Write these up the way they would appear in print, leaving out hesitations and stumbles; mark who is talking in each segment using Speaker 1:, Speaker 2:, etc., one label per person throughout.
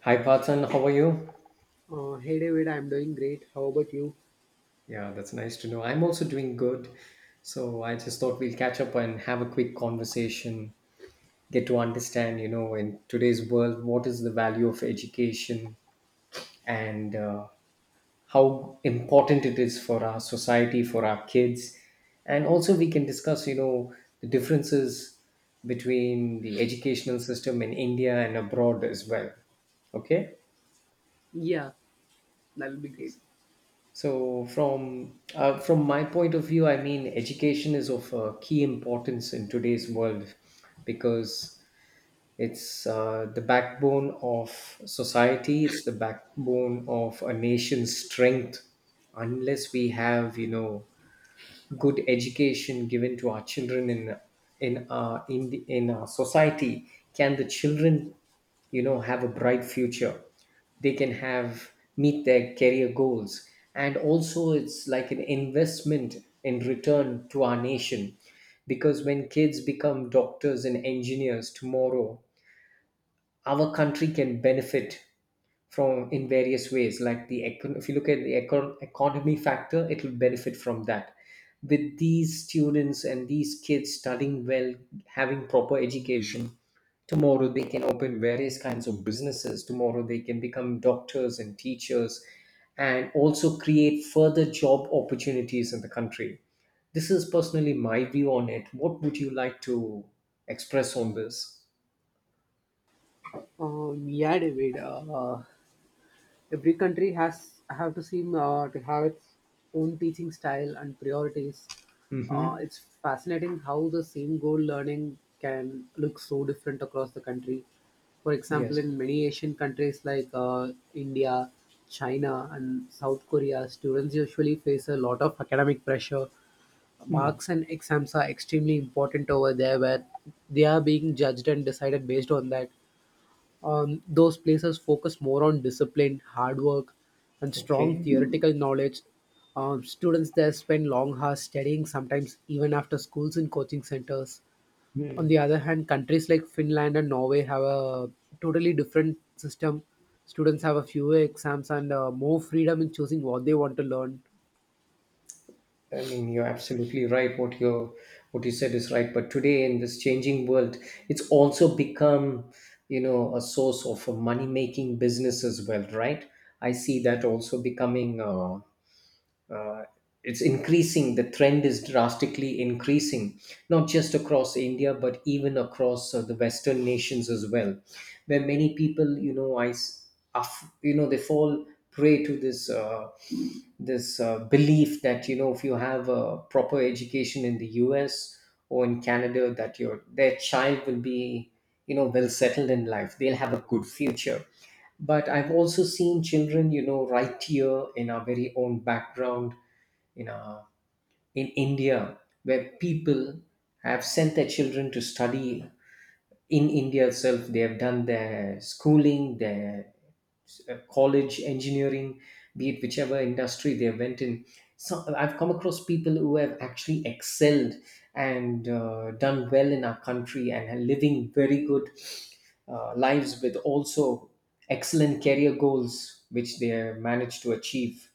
Speaker 1: Hi, Parthan. How are you?
Speaker 2: Hey David, I'm doing great. How about you?
Speaker 1: Yeah, that's nice to know. I'm also doing good. So I just thought we'll catch up and have a quick conversation, get to understand, you know, in today's world, what is the value of education and how important it is for our society, for our kids. And also, we can discuss, you know, the differences between the educational system in India and abroad as well. Okay?
Speaker 2: Yeah, that'll be great.
Speaker 1: So, from my point of view, I mean, education is of key importance in today's world, because it's the backbone of society. It's the backbone of a nation's strength. Unless we have, you know, good education given to our children in our society, can the children, you know, have a bright future? They can have meet their career goals, and also it's like an investment in return to our nation, because when kids become doctors and engineers tomorrow, our country can benefit from in various ways. Like, if you look at the economy factor, it will benefit from that. With these students and these kids studying well, having proper education, tomorrow they can open various kinds of businesses. Tomorrow they can become doctors and teachers, and also create further job opportunities in the country. This is personally my view on it. What would you like to express on this?
Speaker 2: Yeah, David. Every country has have to seem to have its own teaching style and priorities.
Speaker 1: Mm-hmm.
Speaker 2: It's fascinating how the same goal learning can look so different across the country. For example,
Speaker 1: Yes.
Speaker 2: in many Asian countries like India, China, and South Korea, students usually face a lot of academic pressure.
Speaker 1: Hmm.
Speaker 2: Marks and exams are extremely important over there, where they are being judged and decided based on that. Those places focus more on discipline, hard work, and strong
Speaker 1: Okay.
Speaker 2: theoretical knowledge. Students there spend long hours studying, sometimes even after schools and coaching centers. On
Speaker 1: Hmm.
Speaker 2: the other hand, countries like Finland and Norway have a totally different system. Students have a fewer exams and more freedom in choosing what they want to learn.
Speaker 1: I mean, you're absolutely right. What you said is right. But today in this changing world, it's also become, you know, a source of money making business as well, right? I see that also becoming it's increasing the trend is drastically increasing, not just across India but even across the Western nations as well, where many people, you know I s- are f- you know they fall prey to this belief that, you know, if you have a proper education in the US or in Canada, that your their child will be, you know, well settled in life. They'll have a good future. But I've also seen children, you know, right here in our very own background, in our in India, where people have sent their children to study in India itself. They have done their schooling, their college, engineering, be it whichever industry they went in. So I've come across people who have actually excelled and done well in our country and are living very good lives, with also excellent career goals which they have managed to achieve.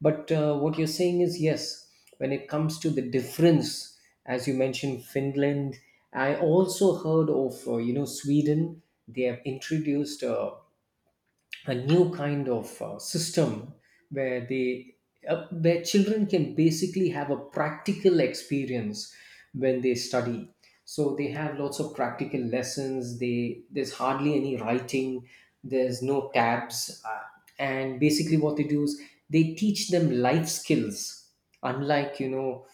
Speaker 1: But what you're saying is, yes, when it comes to the difference, as you mentioned, Finland, I also heard of, you know, Sweden. They have introduced a new kind of system, where they where children can basically have a practical experience when they study. So they have lots of practical lessons. They There's hardly any writing, there's no tabs, and basically what they do is they teach them life skills, unlike, you know,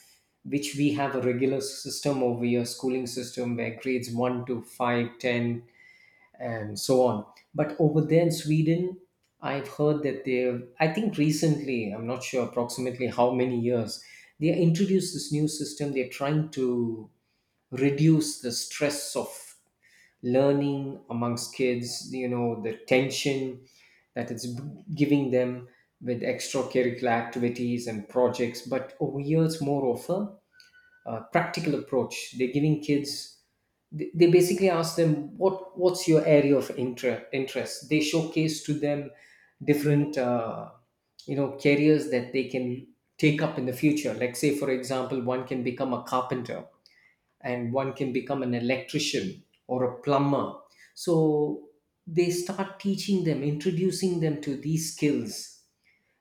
Speaker 1: which we have a regular system over here, schooling system where grades 1 to 5, ten, and so on. But over there in Sweden, I've heard that they've, I think recently, I'm not sure approximately how many years, they introduced this new system. They're trying to reduce the stress of learning amongst kids, you know, the tension that giving them, with extracurricular activities and projects. But over here, it's more of a, practical approach. They're giving kids. They basically ask them what's your area of interest. They showcase to them different, you know, careers that they can take up in the future, like say, for example, one can become a carpenter, and one can become an electrician or a plumber. So they start teaching them, introducing them to these skills.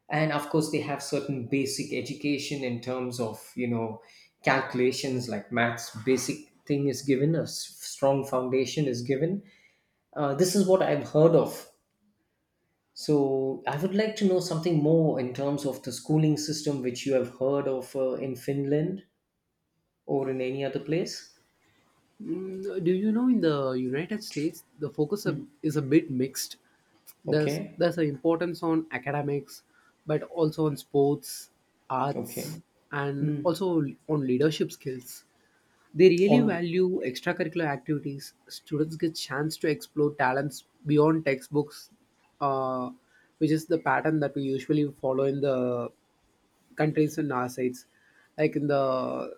Speaker 1: And of course, they have certain basic education in terms of, you know, calculations like maths. Basic thing is given, a strong foundation is given. This is what I've heard of. So I would like to know something more in terms of the schooling system which you have heard of, in Finland or in any other place.
Speaker 2: Mm, do you know in the United States the focus is a bit mixed. There's
Speaker 1: Okay.
Speaker 2: there's an importance on academics, but also on sports, arts,
Speaker 1: Okay.
Speaker 2: and
Speaker 1: Hmm.
Speaker 2: also on leadership skills. They really
Speaker 1: On.
Speaker 2: value
Speaker 1: Okay.
Speaker 2: extracurricular activities. Students get chance to explore talents beyond textbooks, uh, which is the pattern that we usually follow in the countries on our sides, like in the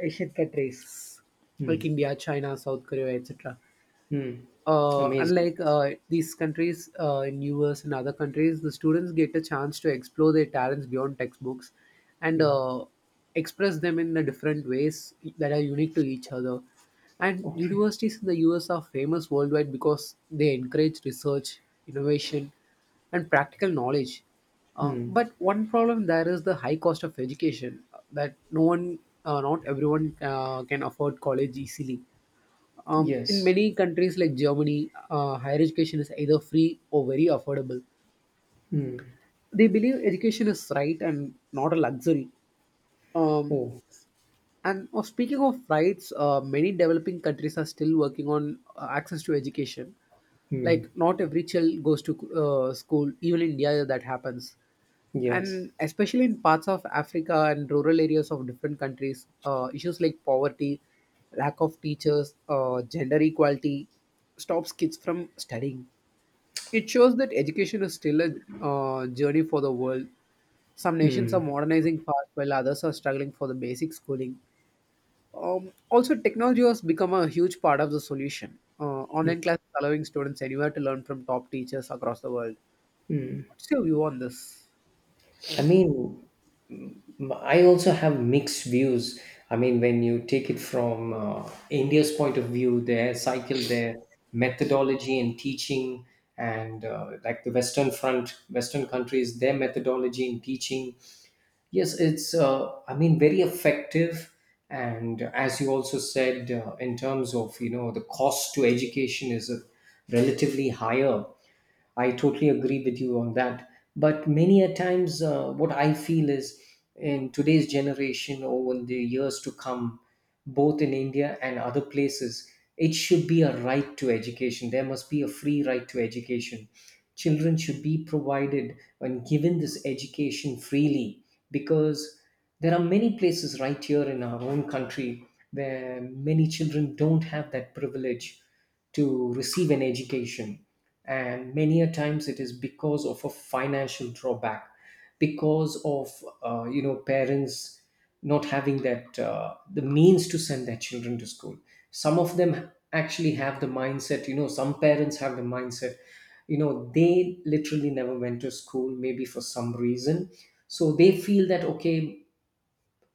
Speaker 2: Asian countries, like
Speaker 1: Hmm.
Speaker 2: India, China, South Korea, etc.
Speaker 1: Hmm.
Speaker 2: uh,
Speaker 1: Amazing.
Speaker 2: unlike uh, these countries in US and other countries, the students get a chance to explore their talents beyond textbooks and express them in the different ways that are unique to each other. And
Speaker 1: Okay.
Speaker 2: universities in the US are famous worldwide because they encourage research, innovation, and practical knowledge.
Speaker 1: Hmm.
Speaker 2: But one problem there is the high cost of education that not everyone can afford college easily. In
Speaker 1: Yes.
Speaker 2: many countries like Germany, higher education is either free or very affordable. They believe education is right and not a luxury. Um,
Speaker 1: Oh.
Speaker 2: and oh, speaking of rights, many developing countries are still working on access to education.
Speaker 1: Hmm.
Speaker 2: Like, not every child goes to school, even in India, that happens.
Speaker 1: Yes.
Speaker 2: And especially in parts of Africa and rural areas of different countries, issues like poverty, lack of teachers, gender equality stops kids from studying. It shows that education is still a journey for the world. Some nations are modernizing fast while others are struggling for the basic schooling. Also, technology has become a huge part of the solution. Online classes allowing students anywhere to learn from top teachers across the world. What's your view on this?
Speaker 1: I mean, I also have mixed views. I mean, when you take it from India's point of view, their cycle, their methodology and teaching, and like the Western front, Western countries, their methodology in teaching. Yes, it's, I mean, very effective. And as you also said, in terms of, you know, the cost to education is relatively higher. I totally agree with you on that. But many a times, what I feel is, in today's generation or in the years to come, both in India and other places, it should be a right to education. There must be a free right to education. Children should be provided and given this education freely, because there are many places right here in our own country where many children don't have that privilege to receive an education. And many a times it is because of a financial drawback, because of, you know, parents not having that, the means to send their children to school. Some of them actually have the mindset, you know, some parents have the mindset, you know, they literally never went to school, maybe for some reason. So they feel that okay,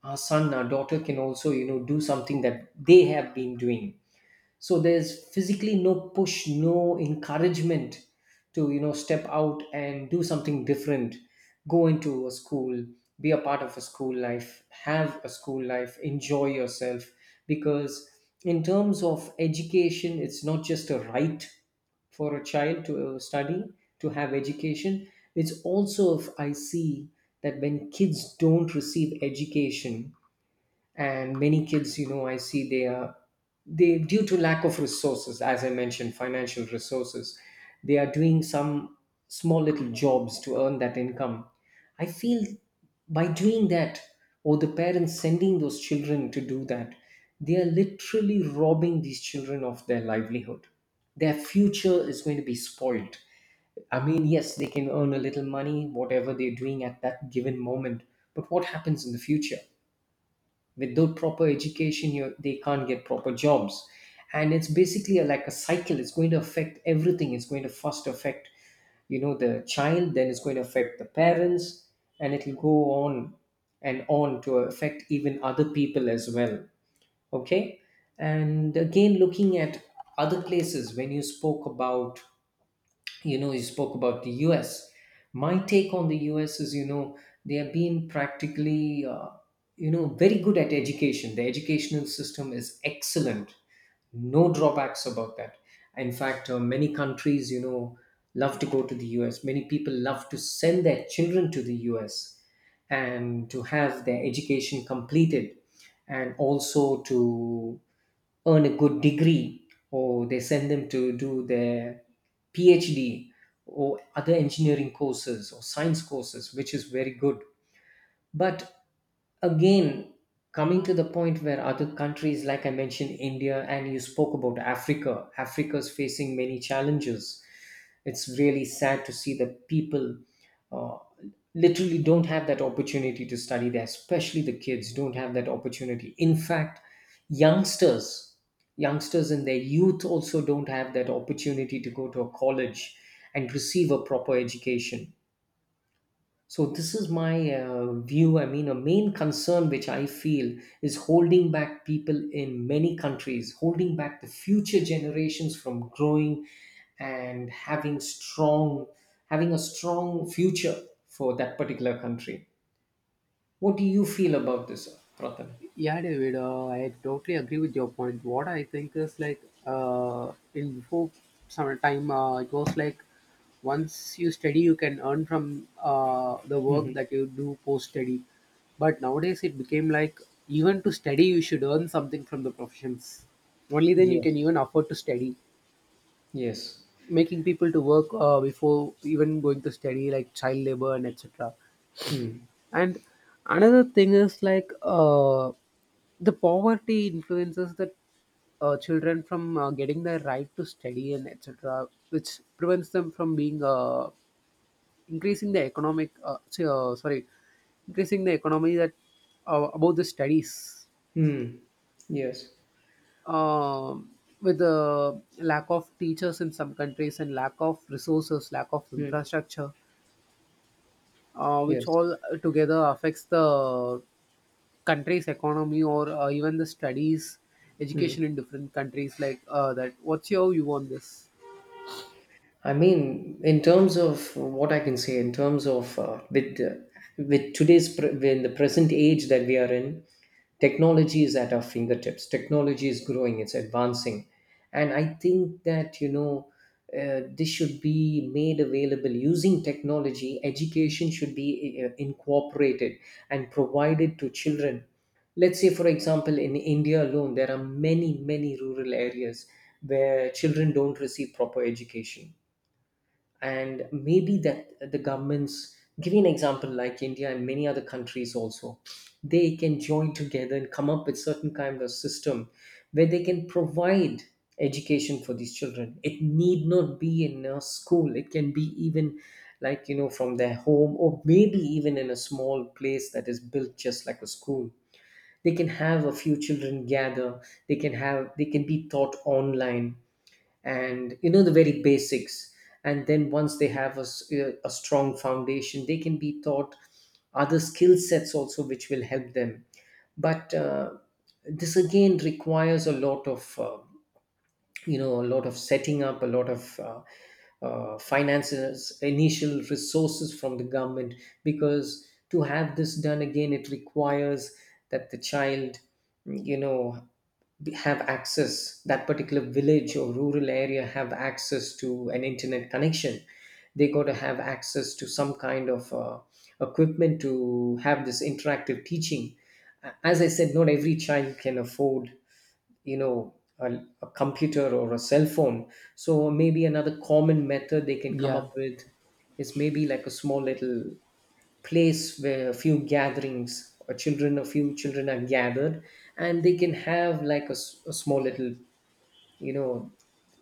Speaker 1: our son, our daughter, can also, you know, do something that they have been doing. So there's physically no push, no encouragement, to, you know, step out and do something different. Go into a school. Be a part of a school life. Have a school life. Enjoy yourself. Because in terms of education, it's not just a right for a child to study, to have education. It's also, if I see, that when kids don't receive education, and many kids, you know, I see they due to lack of resources, as I mentioned, financial resources, they are doing some small little jobs to earn that income. I feel, by doing that, or the parents sending those children to do that, they are literally robbing these children of their livelihood. Their future is going to be spoiled. I mean, yes, they can earn a little money, whatever they're doing at that given moment, but what happens in the future? Without proper education, you, they can't get proper jobs. And it's basically a, like a, cycle. It's going to affect everything. It's going to first affect, you know, the child, then it's going to affect the parents, and it'll go on and on to affect even other people as well. Okay. And again, looking at other places, when you spoke about, the us. My take on the US is, you know, they have been practically, you know, very good at education. The educational system is excellent. No drawbacks about that. In fact, many countries, you know, love to go to the US. Many people love to send their children to the US, and to have their education completed, and also to earn a good degree, or they send them to do their PhD, or other engineering courses or science courses, which is very good. But again, coming to the point where other countries, like I mentioned, India, and you spoke about Africa, Africa's facing many challenges. It's really sad to see that people, uh, literally don't have that opportunity to study there, especially the kids don't have that opportunity. In fact, youngsters, youngsters in their youth also don't have that opportunity to go to a college and receive a proper education. So this is my view. I mean, a main concern which I feel is holding back people in many countries, holding back the future generations from growing, and having a strong future for that particular country. What do you feel about this, Prathan?
Speaker 2: Yeah, David, I totally agree with your point. What I think is like in before summertime, it was like once you study, you can earn from the work
Speaker 1: Mm-hmm.
Speaker 2: that you do post study. But nowadays, it became like even to study, you should earn something from the professions. Only then you can
Speaker 1: Yes.
Speaker 2: even afford to study.
Speaker 1: Yes.
Speaker 2: Making people to work before even going to study like child labor and etc.
Speaker 1: Mm.
Speaker 2: And another thing is like the poverty influences the children from getting the right to study and etc, which prevents them from being increasing the economic say, sorry increasing the economy that about the studies.
Speaker 1: Mm. Yes.
Speaker 2: um, with the lack of teachers in some countries and lack of resources, lack of
Speaker 1: Mm.
Speaker 2: infrastructure, which
Speaker 1: Yes.
Speaker 2: all together affects the country's economy or even the studies,
Speaker 1: Mm.
Speaker 2: education in different countries like that. What's your view on this?
Speaker 1: I mean, in terms of what I can say, in terms of, in the present age that we are in, technology is at our fingertips. Technology is growing; it's advancing, and I think that, this should be made available using technology. Education should be incorporated and provided to children. Let's say, for example, in India alone there are many rural areas where children don't receive proper education. And maybe that the governments, give you an example like India and many other countries also, they can join together and come up with certain kind of system where they can provide education for these children. It need not be in a school, it can be even like from their home, or maybe even in a small place that is built just like a school. They can have a few children gather, they can be taught online, and the very basics. And then once they have a strong foundation, they can be taught other skill sets also which will help them. But this again requires a lot of, a lot of setting up, a lot of finances, initial resources from the government. Because to have this done, again it requires that the child, you know have access, that particular village or rural area have access to an internet connection. They got to have access to some kind of equipment to have this interactive teaching. As I said, not every child can afford, you know a, a computer or a cell phone. So maybe another common method they can come
Speaker 2: Yeah,
Speaker 1: up with is maybe like a small little place where a few gatherings or children, a few children, are gathered. And they can have like a small little, you know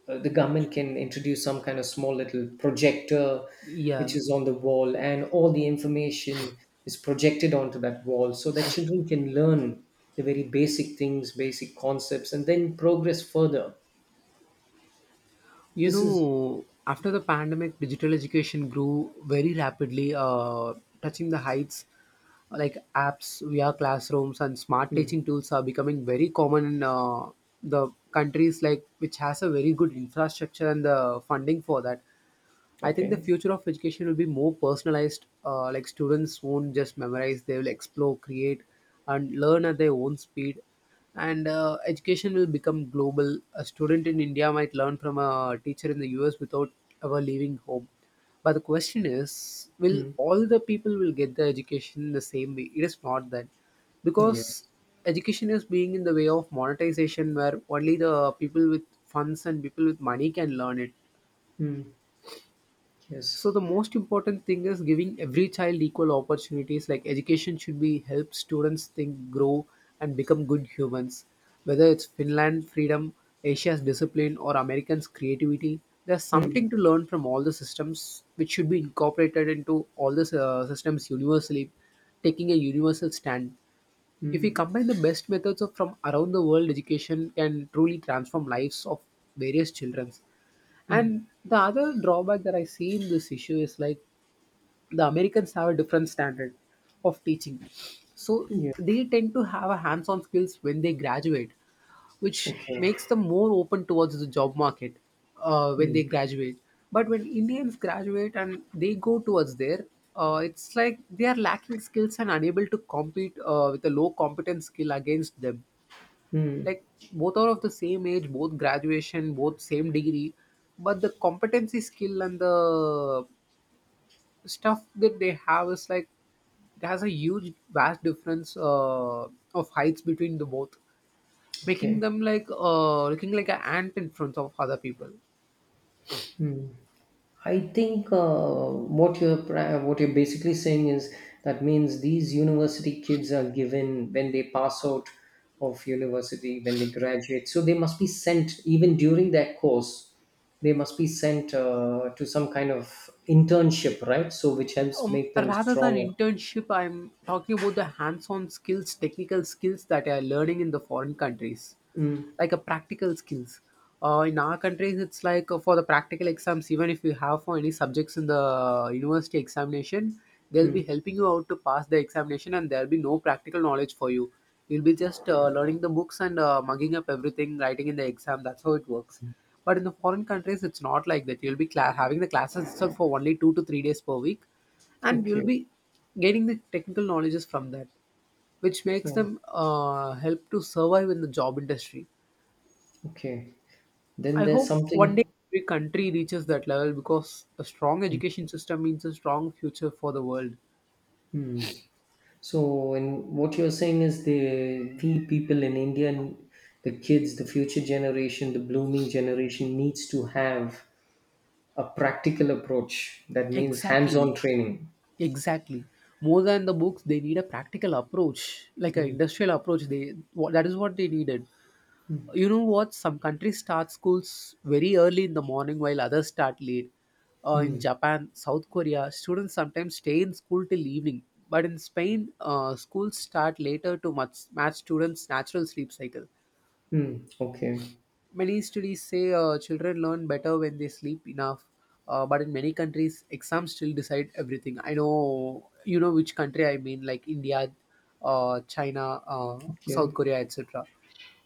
Speaker 1: the government can introduce some kind of small little projector
Speaker 2: yeah.
Speaker 1: which is on the wall, and all the information is projected onto that wall so that children can learn the very basic things, basic concepts, and then progress further.
Speaker 2: You
Speaker 1: This is...
Speaker 2: know, after the pandemic, digital education grew very rapidly, touching the heights. Like apps, VR classrooms, and smart
Speaker 1: Hmm.
Speaker 2: teaching tools are becoming very common in the countries like which has a very good infrastructure and the funding for that. I think the
Speaker 1: Okay.
Speaker 2: future of education will be more personalized. Like students won't just memorize; they will explore, create, and learn at their own speed. And education will become global. A student in India might learn from a teacher in the US without ever leaving home. But the question is, will
Speaker 1: Hmm.
Speaker 2: all the people will get the education in the same way? It is not that,
Speaker 1: Yes.
Speaker 2: because education is being in the way of monetization, where only the people with funds and people with money can learn it.
Speaker 1: Hmm.
Speaker 2: So
Speaker 1: Yes.
Speaker 2: the most important thing is giving every child equal opportunities. Like education should be help students think, grow, and become good humans. Whether it's Finland freedom, Asia's discipline, or Americans creativity, there's
Speaker 1: Hmm.
Speaker 2: something to learn from all the systems, which should be incorporated into all the systems universally, taking a universal stand. If
Speaker 1: Hmm.
Speaker 2: we combine the best methods of from around the world, education can truly transform lives of various children.
Speaker 1: Hmm.
Speaker 2: And the other drawback that I see in this issue is like the Americans have a different standard of teaching. So
Speaker 1: Yeah.
Speaker 2: they tend to have a hands on skills when they graduate, which
Speaker 1: Okay.
Speaker 2: makes them more open towards the job market when
Speaker 1: Hmm.
Speaker 2: they graduate. But when Indians graduate and they go towards there, it's like they are lacking skills and unable to compete with a low competence skill against them,
Speaker 1: Hmm.
Speaker 2: like both are of the same age, both graduation, both same degree, but the competency skill and the stuff that they have is like it has a huge vast difference of heights between the both, making
Speaker 1: Okay.
Speaker 2: them like looking like an ant in front of other people.
Speaker 1: Hmm. I think what you're basically saying is, that means these university kids are given when they pass out of university, when they graduate, so they must be sent even during that course. They must be sent to some kind of internship, right? So which helps make them
Speaker 2: Rather than
Speaker 1: stronger.
Speaker 2: internship, I'm talking about the hands-on skills, technical skills that I are learning in the foreign countries,
Speaker 1: Mm.
Speaker 2: like a practical skills. In our countries, it's like for the practical exams, even if you have for any subjects in the university examination, they'll be
Speaker 1: Mm.
Speaker 2: helping you out to pass the examination, and there'll be no practical knowledge for you. You'll be just learning the books and mugging up everything, writing in the exam. That's how it works. But in the foreign countries, it's not like that. You'll be cla having the classes itself for only 2 to 3 days per week, and you'll
Speaker 1: Okay.
Speaker 2: be gaining the technical knowledges from that, which makes
Speaker 1: Oh,
Speaker 2: them help to survive in the job industry.
Speaker 1: okay. Then
Speaker 2: I
Speaker 1: there's
Speaker 2: hope one day
Speaker 1: something.
Speaker 2: every country reaches that level because a strong education system means a strong future for the world.
Speaker 1: Hmm. So, and what you're saying is, the we people in India, the kids, the future generation, the blooming generation, needs to have a practical approach. That means
Speaker 2: Exactly.
Speaker 1: hands-on training.
Speaker 2: Exactly. More than the books they need a practical approach, like an
Speaker 1: Hmm.
Speaker 2: industrial approach, they what that is what they needed. You know what, some countries start schools very early in the morning while others start late. In
Speaker 1: Hmm.
Speaker 2: Japan, South Korea, students sometimes stay in school till evening. But in Spain, schools start later to much match students natural sleep cycle.
Speaker 1: Hmm. Okay.
Speaker 2: Many studies say children learn better when they sleep enough. But in many countries, exams still decide everything. I know you know which country I mean, like India, China, South
Speaker 1: Okay.
Speaker 2: Korea, etc.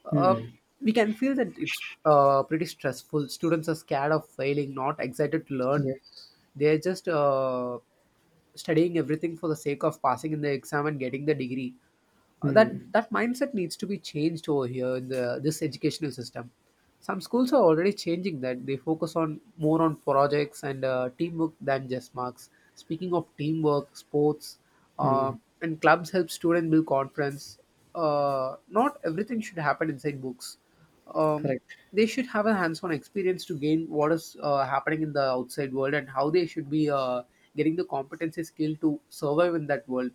Speaker 2: Uh,
Speaker 1: Hmm.
Speaker 2: we can feel that it's pretty stressful. Students are scared of failing, not excited to learn.
Speaker 1: Yes.
Speaker 2: They're just studying everything for the sake of passing in the exam and getting the degree. Uh, That
Speaker 1: Hmm.
Speaker 2: that mindset needs to be changed over here in the this educational system. Some schools are already changing that. They focus on more on projects and teamwork than just marks. Speaking of teamwork, sports uh,
Speaker 1: Hmm.
Speaker 2: and clubs help students build confidence. Not everything should happen inside books. um,
Speaker 1: Correct.
Speaker 2: they should have a hands-on experience to gain what is happening in the outside world and how they should be getting the competency skill to survive in that world.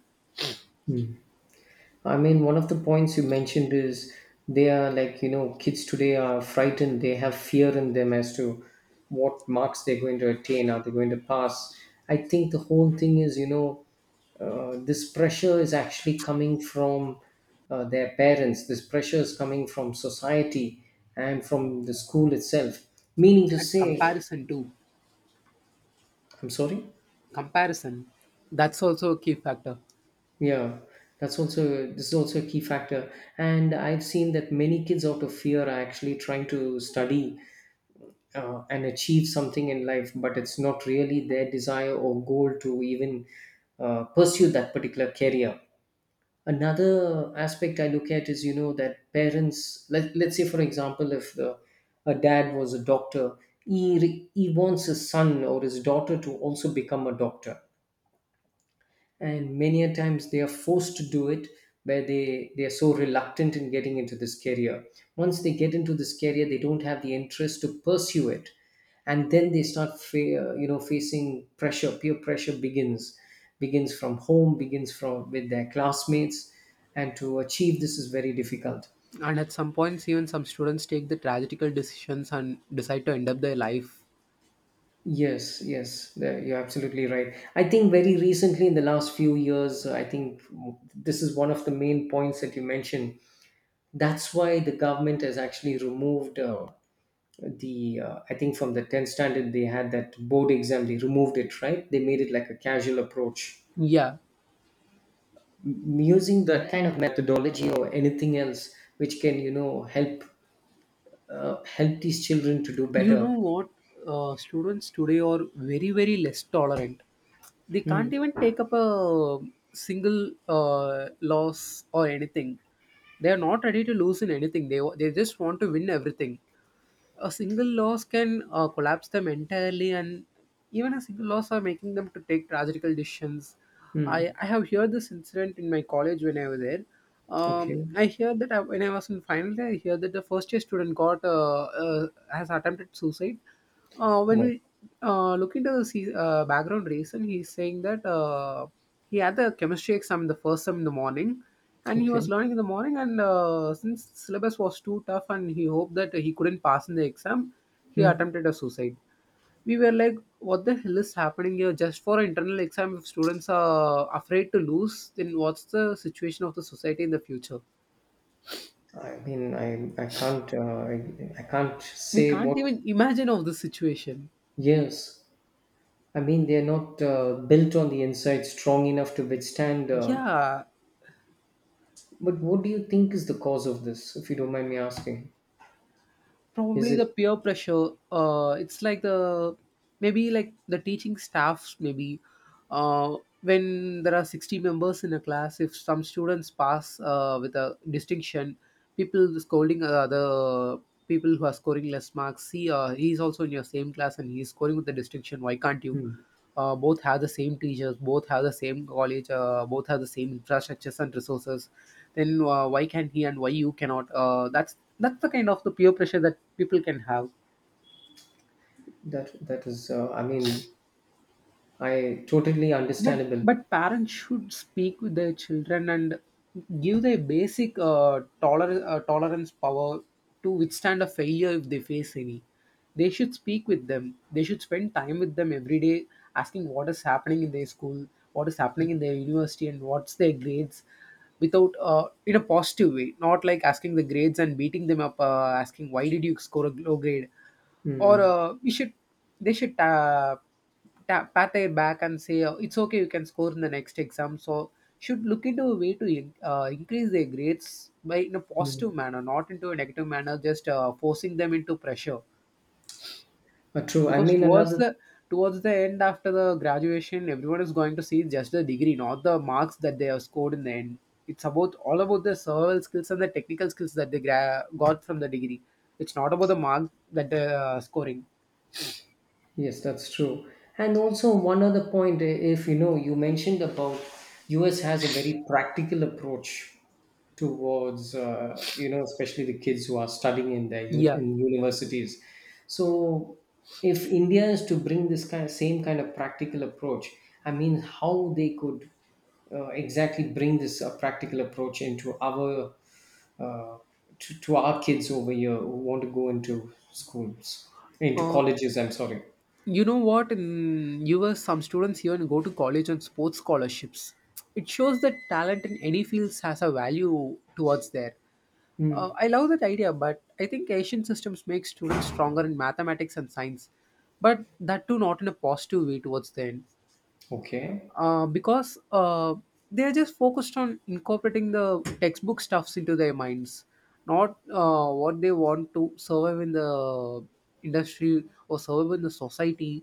Speaker 1: I mean, one of the points you mentioned is, they are like, kids today are frightened. They have fear in them as to what marks they're going to attain. Are they going to pass? I think the whole thing is, this pressure is actually coming from their parents. This pressure is coming from society and from the school itself. Meaning to
Speaker 2: And
Speaker 1: say...
Speaker 2: comparison too.
Speaker 1: I'm sorry?
Speaker 2: Comparison, that's also a key factor.
Speaker 1: Yeah, that's also this is also a key factor. And I've seen that many kids out of fear are actually trying to study and achieve something in life, but it's not really their desire or goal to even pursue that particular career. Another aspect I look at is, that parents, let's say for example, if the, a dad was a doctor, he wants his son or his daughter to also become a doctor. And many a times they are forced to do it, where they are so reluctant in getting into this career. Once they get into this career, they don't have the interest to pursue it. And then they start facing pressure. Peer pressure begins from home, begins from with their classmates, and to achieve this is very difficult.
Speaker 2: And at some points even some students take the tragical decisions and decide to end up their life.
Speaker 1: Yes, yes, you're absolutely right. I think very recently, in the last few years, I think this is one of the main points that you mentioned. That's why the government has actually removed the I think from the 10th standard they had that board exam. They removed it, right? They made it like a casual approach.
Speaker 2: Yeah.
Speaker 1: Using that kind of methodology or anything else which can, help help these children to do
Speaker 2: You
Speaker 1: better.
Speaker 2: know what, students today are very less tolerant. They can't even take up a single loss or anything. They are not ready to lose in anything, they just want to win everything. A single loss can collapse them entirely, and even a single loss are making them to take tragical decisions.
Speaker 1: Hmm.
Speaker 2: I have heard this incident in my college when I was there.
Speaker 1: Okay.
Speaker 2: I hear that I, when I was in final year I hear that the first year student got has attempted suicide. uh, when
Speaker 1: My-
Speaker 2: we uh, look into the background reason, he's saying that he had the chemistry exam in the first sem in the morning, and he was
Speaker 1: okay.
Speaker 2: learning in the morning. And since syllabus was too tough, and he hoped that he couldn't pass in the exam, he
Speaker 1: Hmm.
Speaker 2: attempted a suicide. We were like, "What the hell is happening here? Just for an internal exam, if students are afraid to lose, then what's the situation of the society in the future?
Speaker 1: I mean, I can't, I can't
Speaker 2: "We
Speaker 1: say
Speaker 2: can't
Speaker 1: what...
Speaker 2: even imagine of this situation."
Speaker 1: Yes. I mean, they're not built on the inside strong enough to withstand...
Speaker 2: Yeah,
Speaker 1: But what do you think is the cause of this, if you don't mind me asking? Is
Speaker 2: probably
Speaker 1: it...
Speaker 2: the peer pressure, it's like the teaching staffs maybe. uh when there are 60 members in a class, if some students pass with a distinction, people scolding other people who are scoring less marks, see, he's also in your same class and he's scoring with the distinction, why can't you?
Speaker 1: Hmm.
Speaker 2: Both have the same teachers, both have the same college, both have the same infrastructures and resources, then why can he and why you cannot? That's the kind of the peer pressure that people can have.
Speaker 1: That that is? I mean, I totally
Speaker 2: But
Speaker 1: understandable.
Speaker 2: parents should speak with their children and give their basic tolerance power to withstand a failure if they face any. They should speak with them. They should spend time with them every day, asking what is happening in their school, what is happening in their university, and what's their grades. Without In a positive way, not like asking the grades and beating them up, asking why did you score a low grade, or
Speaker 1: Mm.
Speaker 2: we should they should. Ta- pat their back and say, it's okay, you can score in the next exam, so should look into a way to increase their grades by in a
Speaker 1: Mm.
Speaker 2: positive manner, not into a negative manner, just forcing them into pressure.
Speaker 1: True. I
Speaker 2: Because
Speaker 1: mean, another...
Speaker 2: towards the end, after the graduation, everyone is going to see just the degree, not the marks that they have scored in the end. It's about all about the survival skills and the technical skills that they got from the degree. It's not about the marks that they're scoring.
Speaker 1: Yes, that's true. And also one other point, if you know, you mentioned about US has a very practical approach towards, especially the kids who are studying in their
Speaker 2: Yeah.
Speaker 1: in universities. So if India is to bring this kind same kind of practical approach, I mean, how they could exactly bring this practical approach into uh, to our kids over here who want to go into schools, into
Speaker 2: Uh,
Speaker 1: colleges. I'm sorry.
Speaker 2: You know what? In US, some students even go to college on sports scholarships. It shows that talent in any fields has a value towards there.
Speaker 1: Hmm.
Speaker 2: I love that idea, but I think Asian systems make students stronger in mathematics and science, but that too not in a positive way towards the end.
Speaker 1: Okay.
Speaker 2: Because They're just focused on incorporating the textbook stuffs into their minds, not what they want to survive in the industry or survive in the society.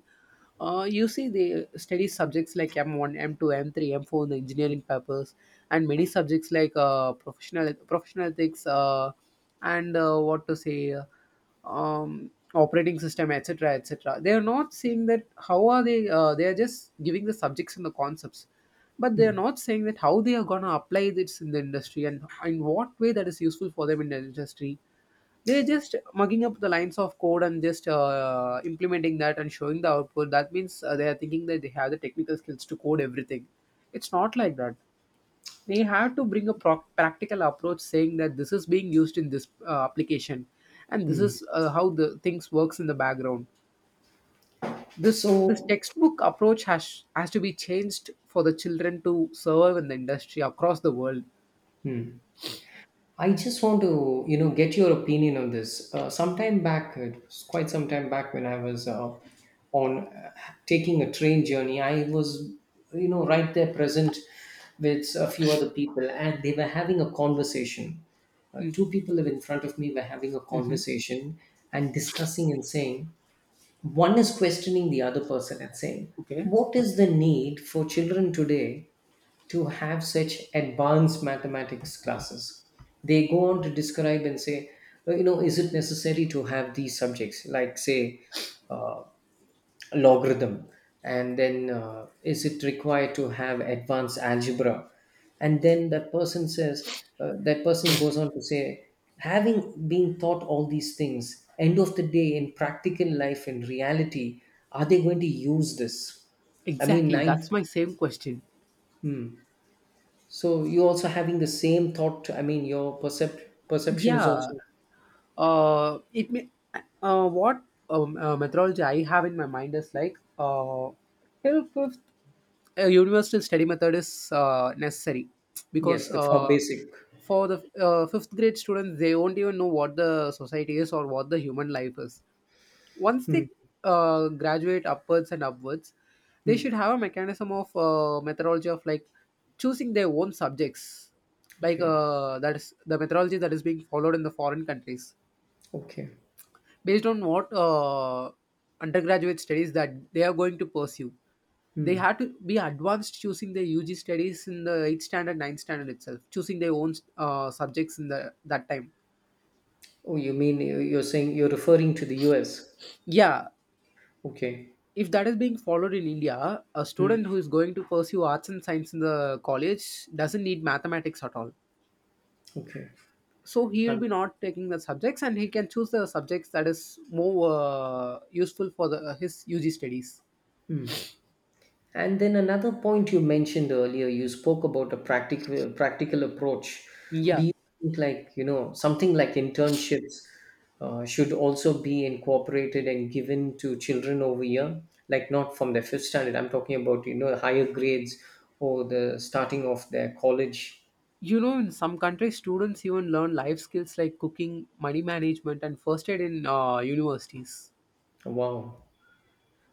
Speaker 2: You see, they study subjects like M1, M2, M3, M4 in the engineering papers, and many subjects like professional ethics, and what to say. Operating system, etc., etc. They are not saying that how are they are just giving the subjects and the concepts, but they are not saying that how they are going to apply this in the industry and in what way that is useful for them in the industry. They're just mugging up the lines of code and just implementing that and showing the output. That means they are thinking that they have the technical skills to code everything. It's not like that. They have to bring a practical approach, saying that this is being used in this application, and this
Speaker 1: Hmm.
Speaker 2: is how the things works in the background. This
Speaker 1: So...
Speaker 2: textbook approach has to be changed for the children to survive in the industry across the world.
Speaker 1: hmm. I just want to, get your opinion on this. Sometime back, it was quite some time back when I was on taking a train journey. I was, right there present with a few other people, and they were having a conversation. Two people in front of me were having a conversation, and discussing and saying, one is questioning the other person and saying,
Speaker 2: Okay.
Speaker 1: what is the need for children today to have such advanced mathematics classes? They go on to describe and say, is it necessary to have these subjects, like, say, uh, logarithm? And then, is it required to have advanced algebra? And then that person says, that person goes on to say, having been taught all these things, end of the day, in practical life, in reality, are they going to use this? I mean,
Speaker 2: Exactly,
Speaker 1: nine.
Speaker 2: that's my same question.
Speaker 1: Hmm. So you also having the same thought. I mean, your perception is
Speaker 2: Yeah.
Speaker 1: also...
Speaker 2: It may what Methodology I have in my mind is like, till fifth a universal study method is necessary, because
Speaker 1: Yes, the far basic.
Speaker 2: for the fifth grade students, they won't even know what the society is or what the human life is. Once
Speaker 1: Hmm.
Speaker 2: they graduate upwards and upwards, they should
Speaker 1: Hmm.
Speaker 2: have a mechanism of methodology of like choosing their own subjects, like,
Speaker 1: Okay.
Speaker 2: that is the methodology that is being followed in the foreign countries,
Speaker 1: Okay.
Speaker 2: based on what undergraduate studies that they are going to pursue. They
Speaker 1: Hmm.
Speaker 2: had to be advanced, choosing their UG studies in the 8th standard, 9th standard itself, choosing their own subjects in the that time.
Speaker 1: Oh, you mean you're saying, you're referring to the U.S.?
Speaker 2: Yeah,
Speaker 1: Okay.
Speaker 2: if that is being followed in India, a
Speaker 1: Hmm.
Speaker 2: student who is going to pursue arts and science in the college doesn't need mathematics at all.
Speaker 1: Okay.
Speaker 2: So he will
Speaker 1: Um,
Speaker 2: be not taking the subjects, and he can choose the subjects that is more useful for the his UG studies.
Speaker 1: hmm. And then another point you mentioned earlier, you spoke about a practical approach. Do
Speaker 2: Yeah.
Speaker 1: you think, like, something like internships should also be incorporated and given to children over here? Like not from the fifth standard. I'm talking about, higher grades or the starting of their college.
Speaker 2: You know, in some countries, students even learn life skills like cooking, money management, and first aid in universities.
Speaker 1: Wow,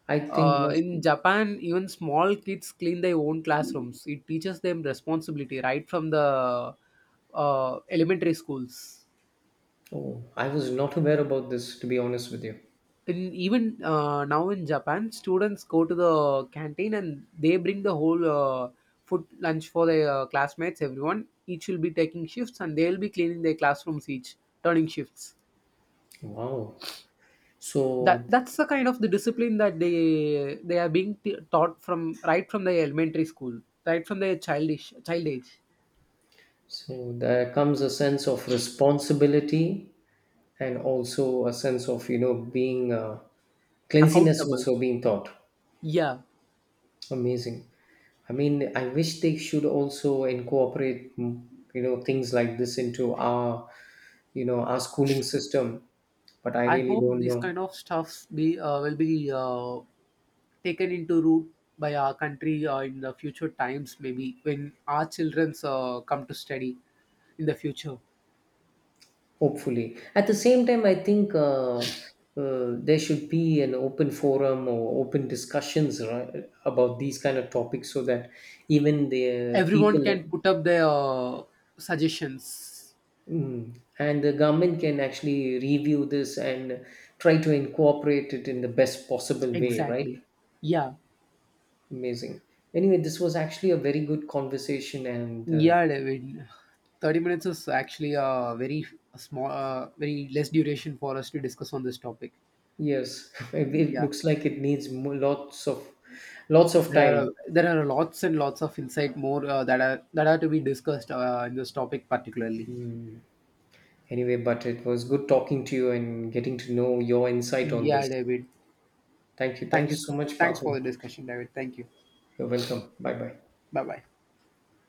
Speaker 1: I think must.
Speaker 2: In Japan, even small kids clean their own classrooms. It teaches them responsibility right from the elementary schools.
Speaker 1: Oh, I was not aware about this, to be honest with you.
Speaker 2: In, even now in Japan, students go to the canteen and they bring the whole food lunch for their classmates, everyone. Each will be taking shifts and they'll be cleaning their classrooms each, turning shifts.
Speaker 1: Wow.
Speaker 2: that
Speaker 1: So
Speaker 2: that's the kind of the discipline that they are being taught from right from the elementary school, right from their child age.
Speaker 1: So there comes a sense of responsibility, and also a sense of, being cleanliness
Speaker 2: Accountable,
Speaker 1: also being taught.
Speaker 2: yeah.
Speaker 1: Amazing. I mean, I wish they should also incorporate, things like this into our you know our schooling system, but I
Speaker 2: I
Speaker 1: really
Speaker 2: hope
Speaker 1: don't
Speaker 2: this
Speaker 1: know.
Speaker 2: kind of stuffs be will be taken into root by our country in the future times, maybe when our children's come to study in the future.
Speaker 1: Hopefully. At the same time, I think there should be an open forum or open discussions, right, about these kind of topics, so that even the
Speaker 2: Everyone
Speaker 1: people...
Speaker 2: can put up their suggestions.
Speaker 1: mm, and the government can actually review this and try to incorporate it in the best possible way, right?
Speaker 2: Exactly. Yeah.
Speaker 1: Amazing. Anyway, this was actually a very good conversation and
Speaker 2: Yeah, David. 30 minutes is actually a very small, very less duration for us to discuss on this topic.
Speaker 1: yes, it
Speaker 2: Yeah,
Speaker 1: looks like it needs lots of, lots of
Speaker 2: there are
Speaker 1: time.
Speaker 2: there are lots and lots of insight more that are to be discussed in this topic particularly.
Speaker 1: Anyway, but it was good talking to you and getting to know your insight on
Speaker 2: Yeah,
Speaker 1: this.
Speaker 2: David.
Speaker 1: Thank you. Thank you
Speaker 2: Thanks.
Speaker 1: so much,
Speaker 2: Thanks for
Speaker 1: Patu.
Speaker 2: the discussion, David. Thank you.
Speaker 1: You're welcome. Bye bye.
Speaker 2: Bye bye.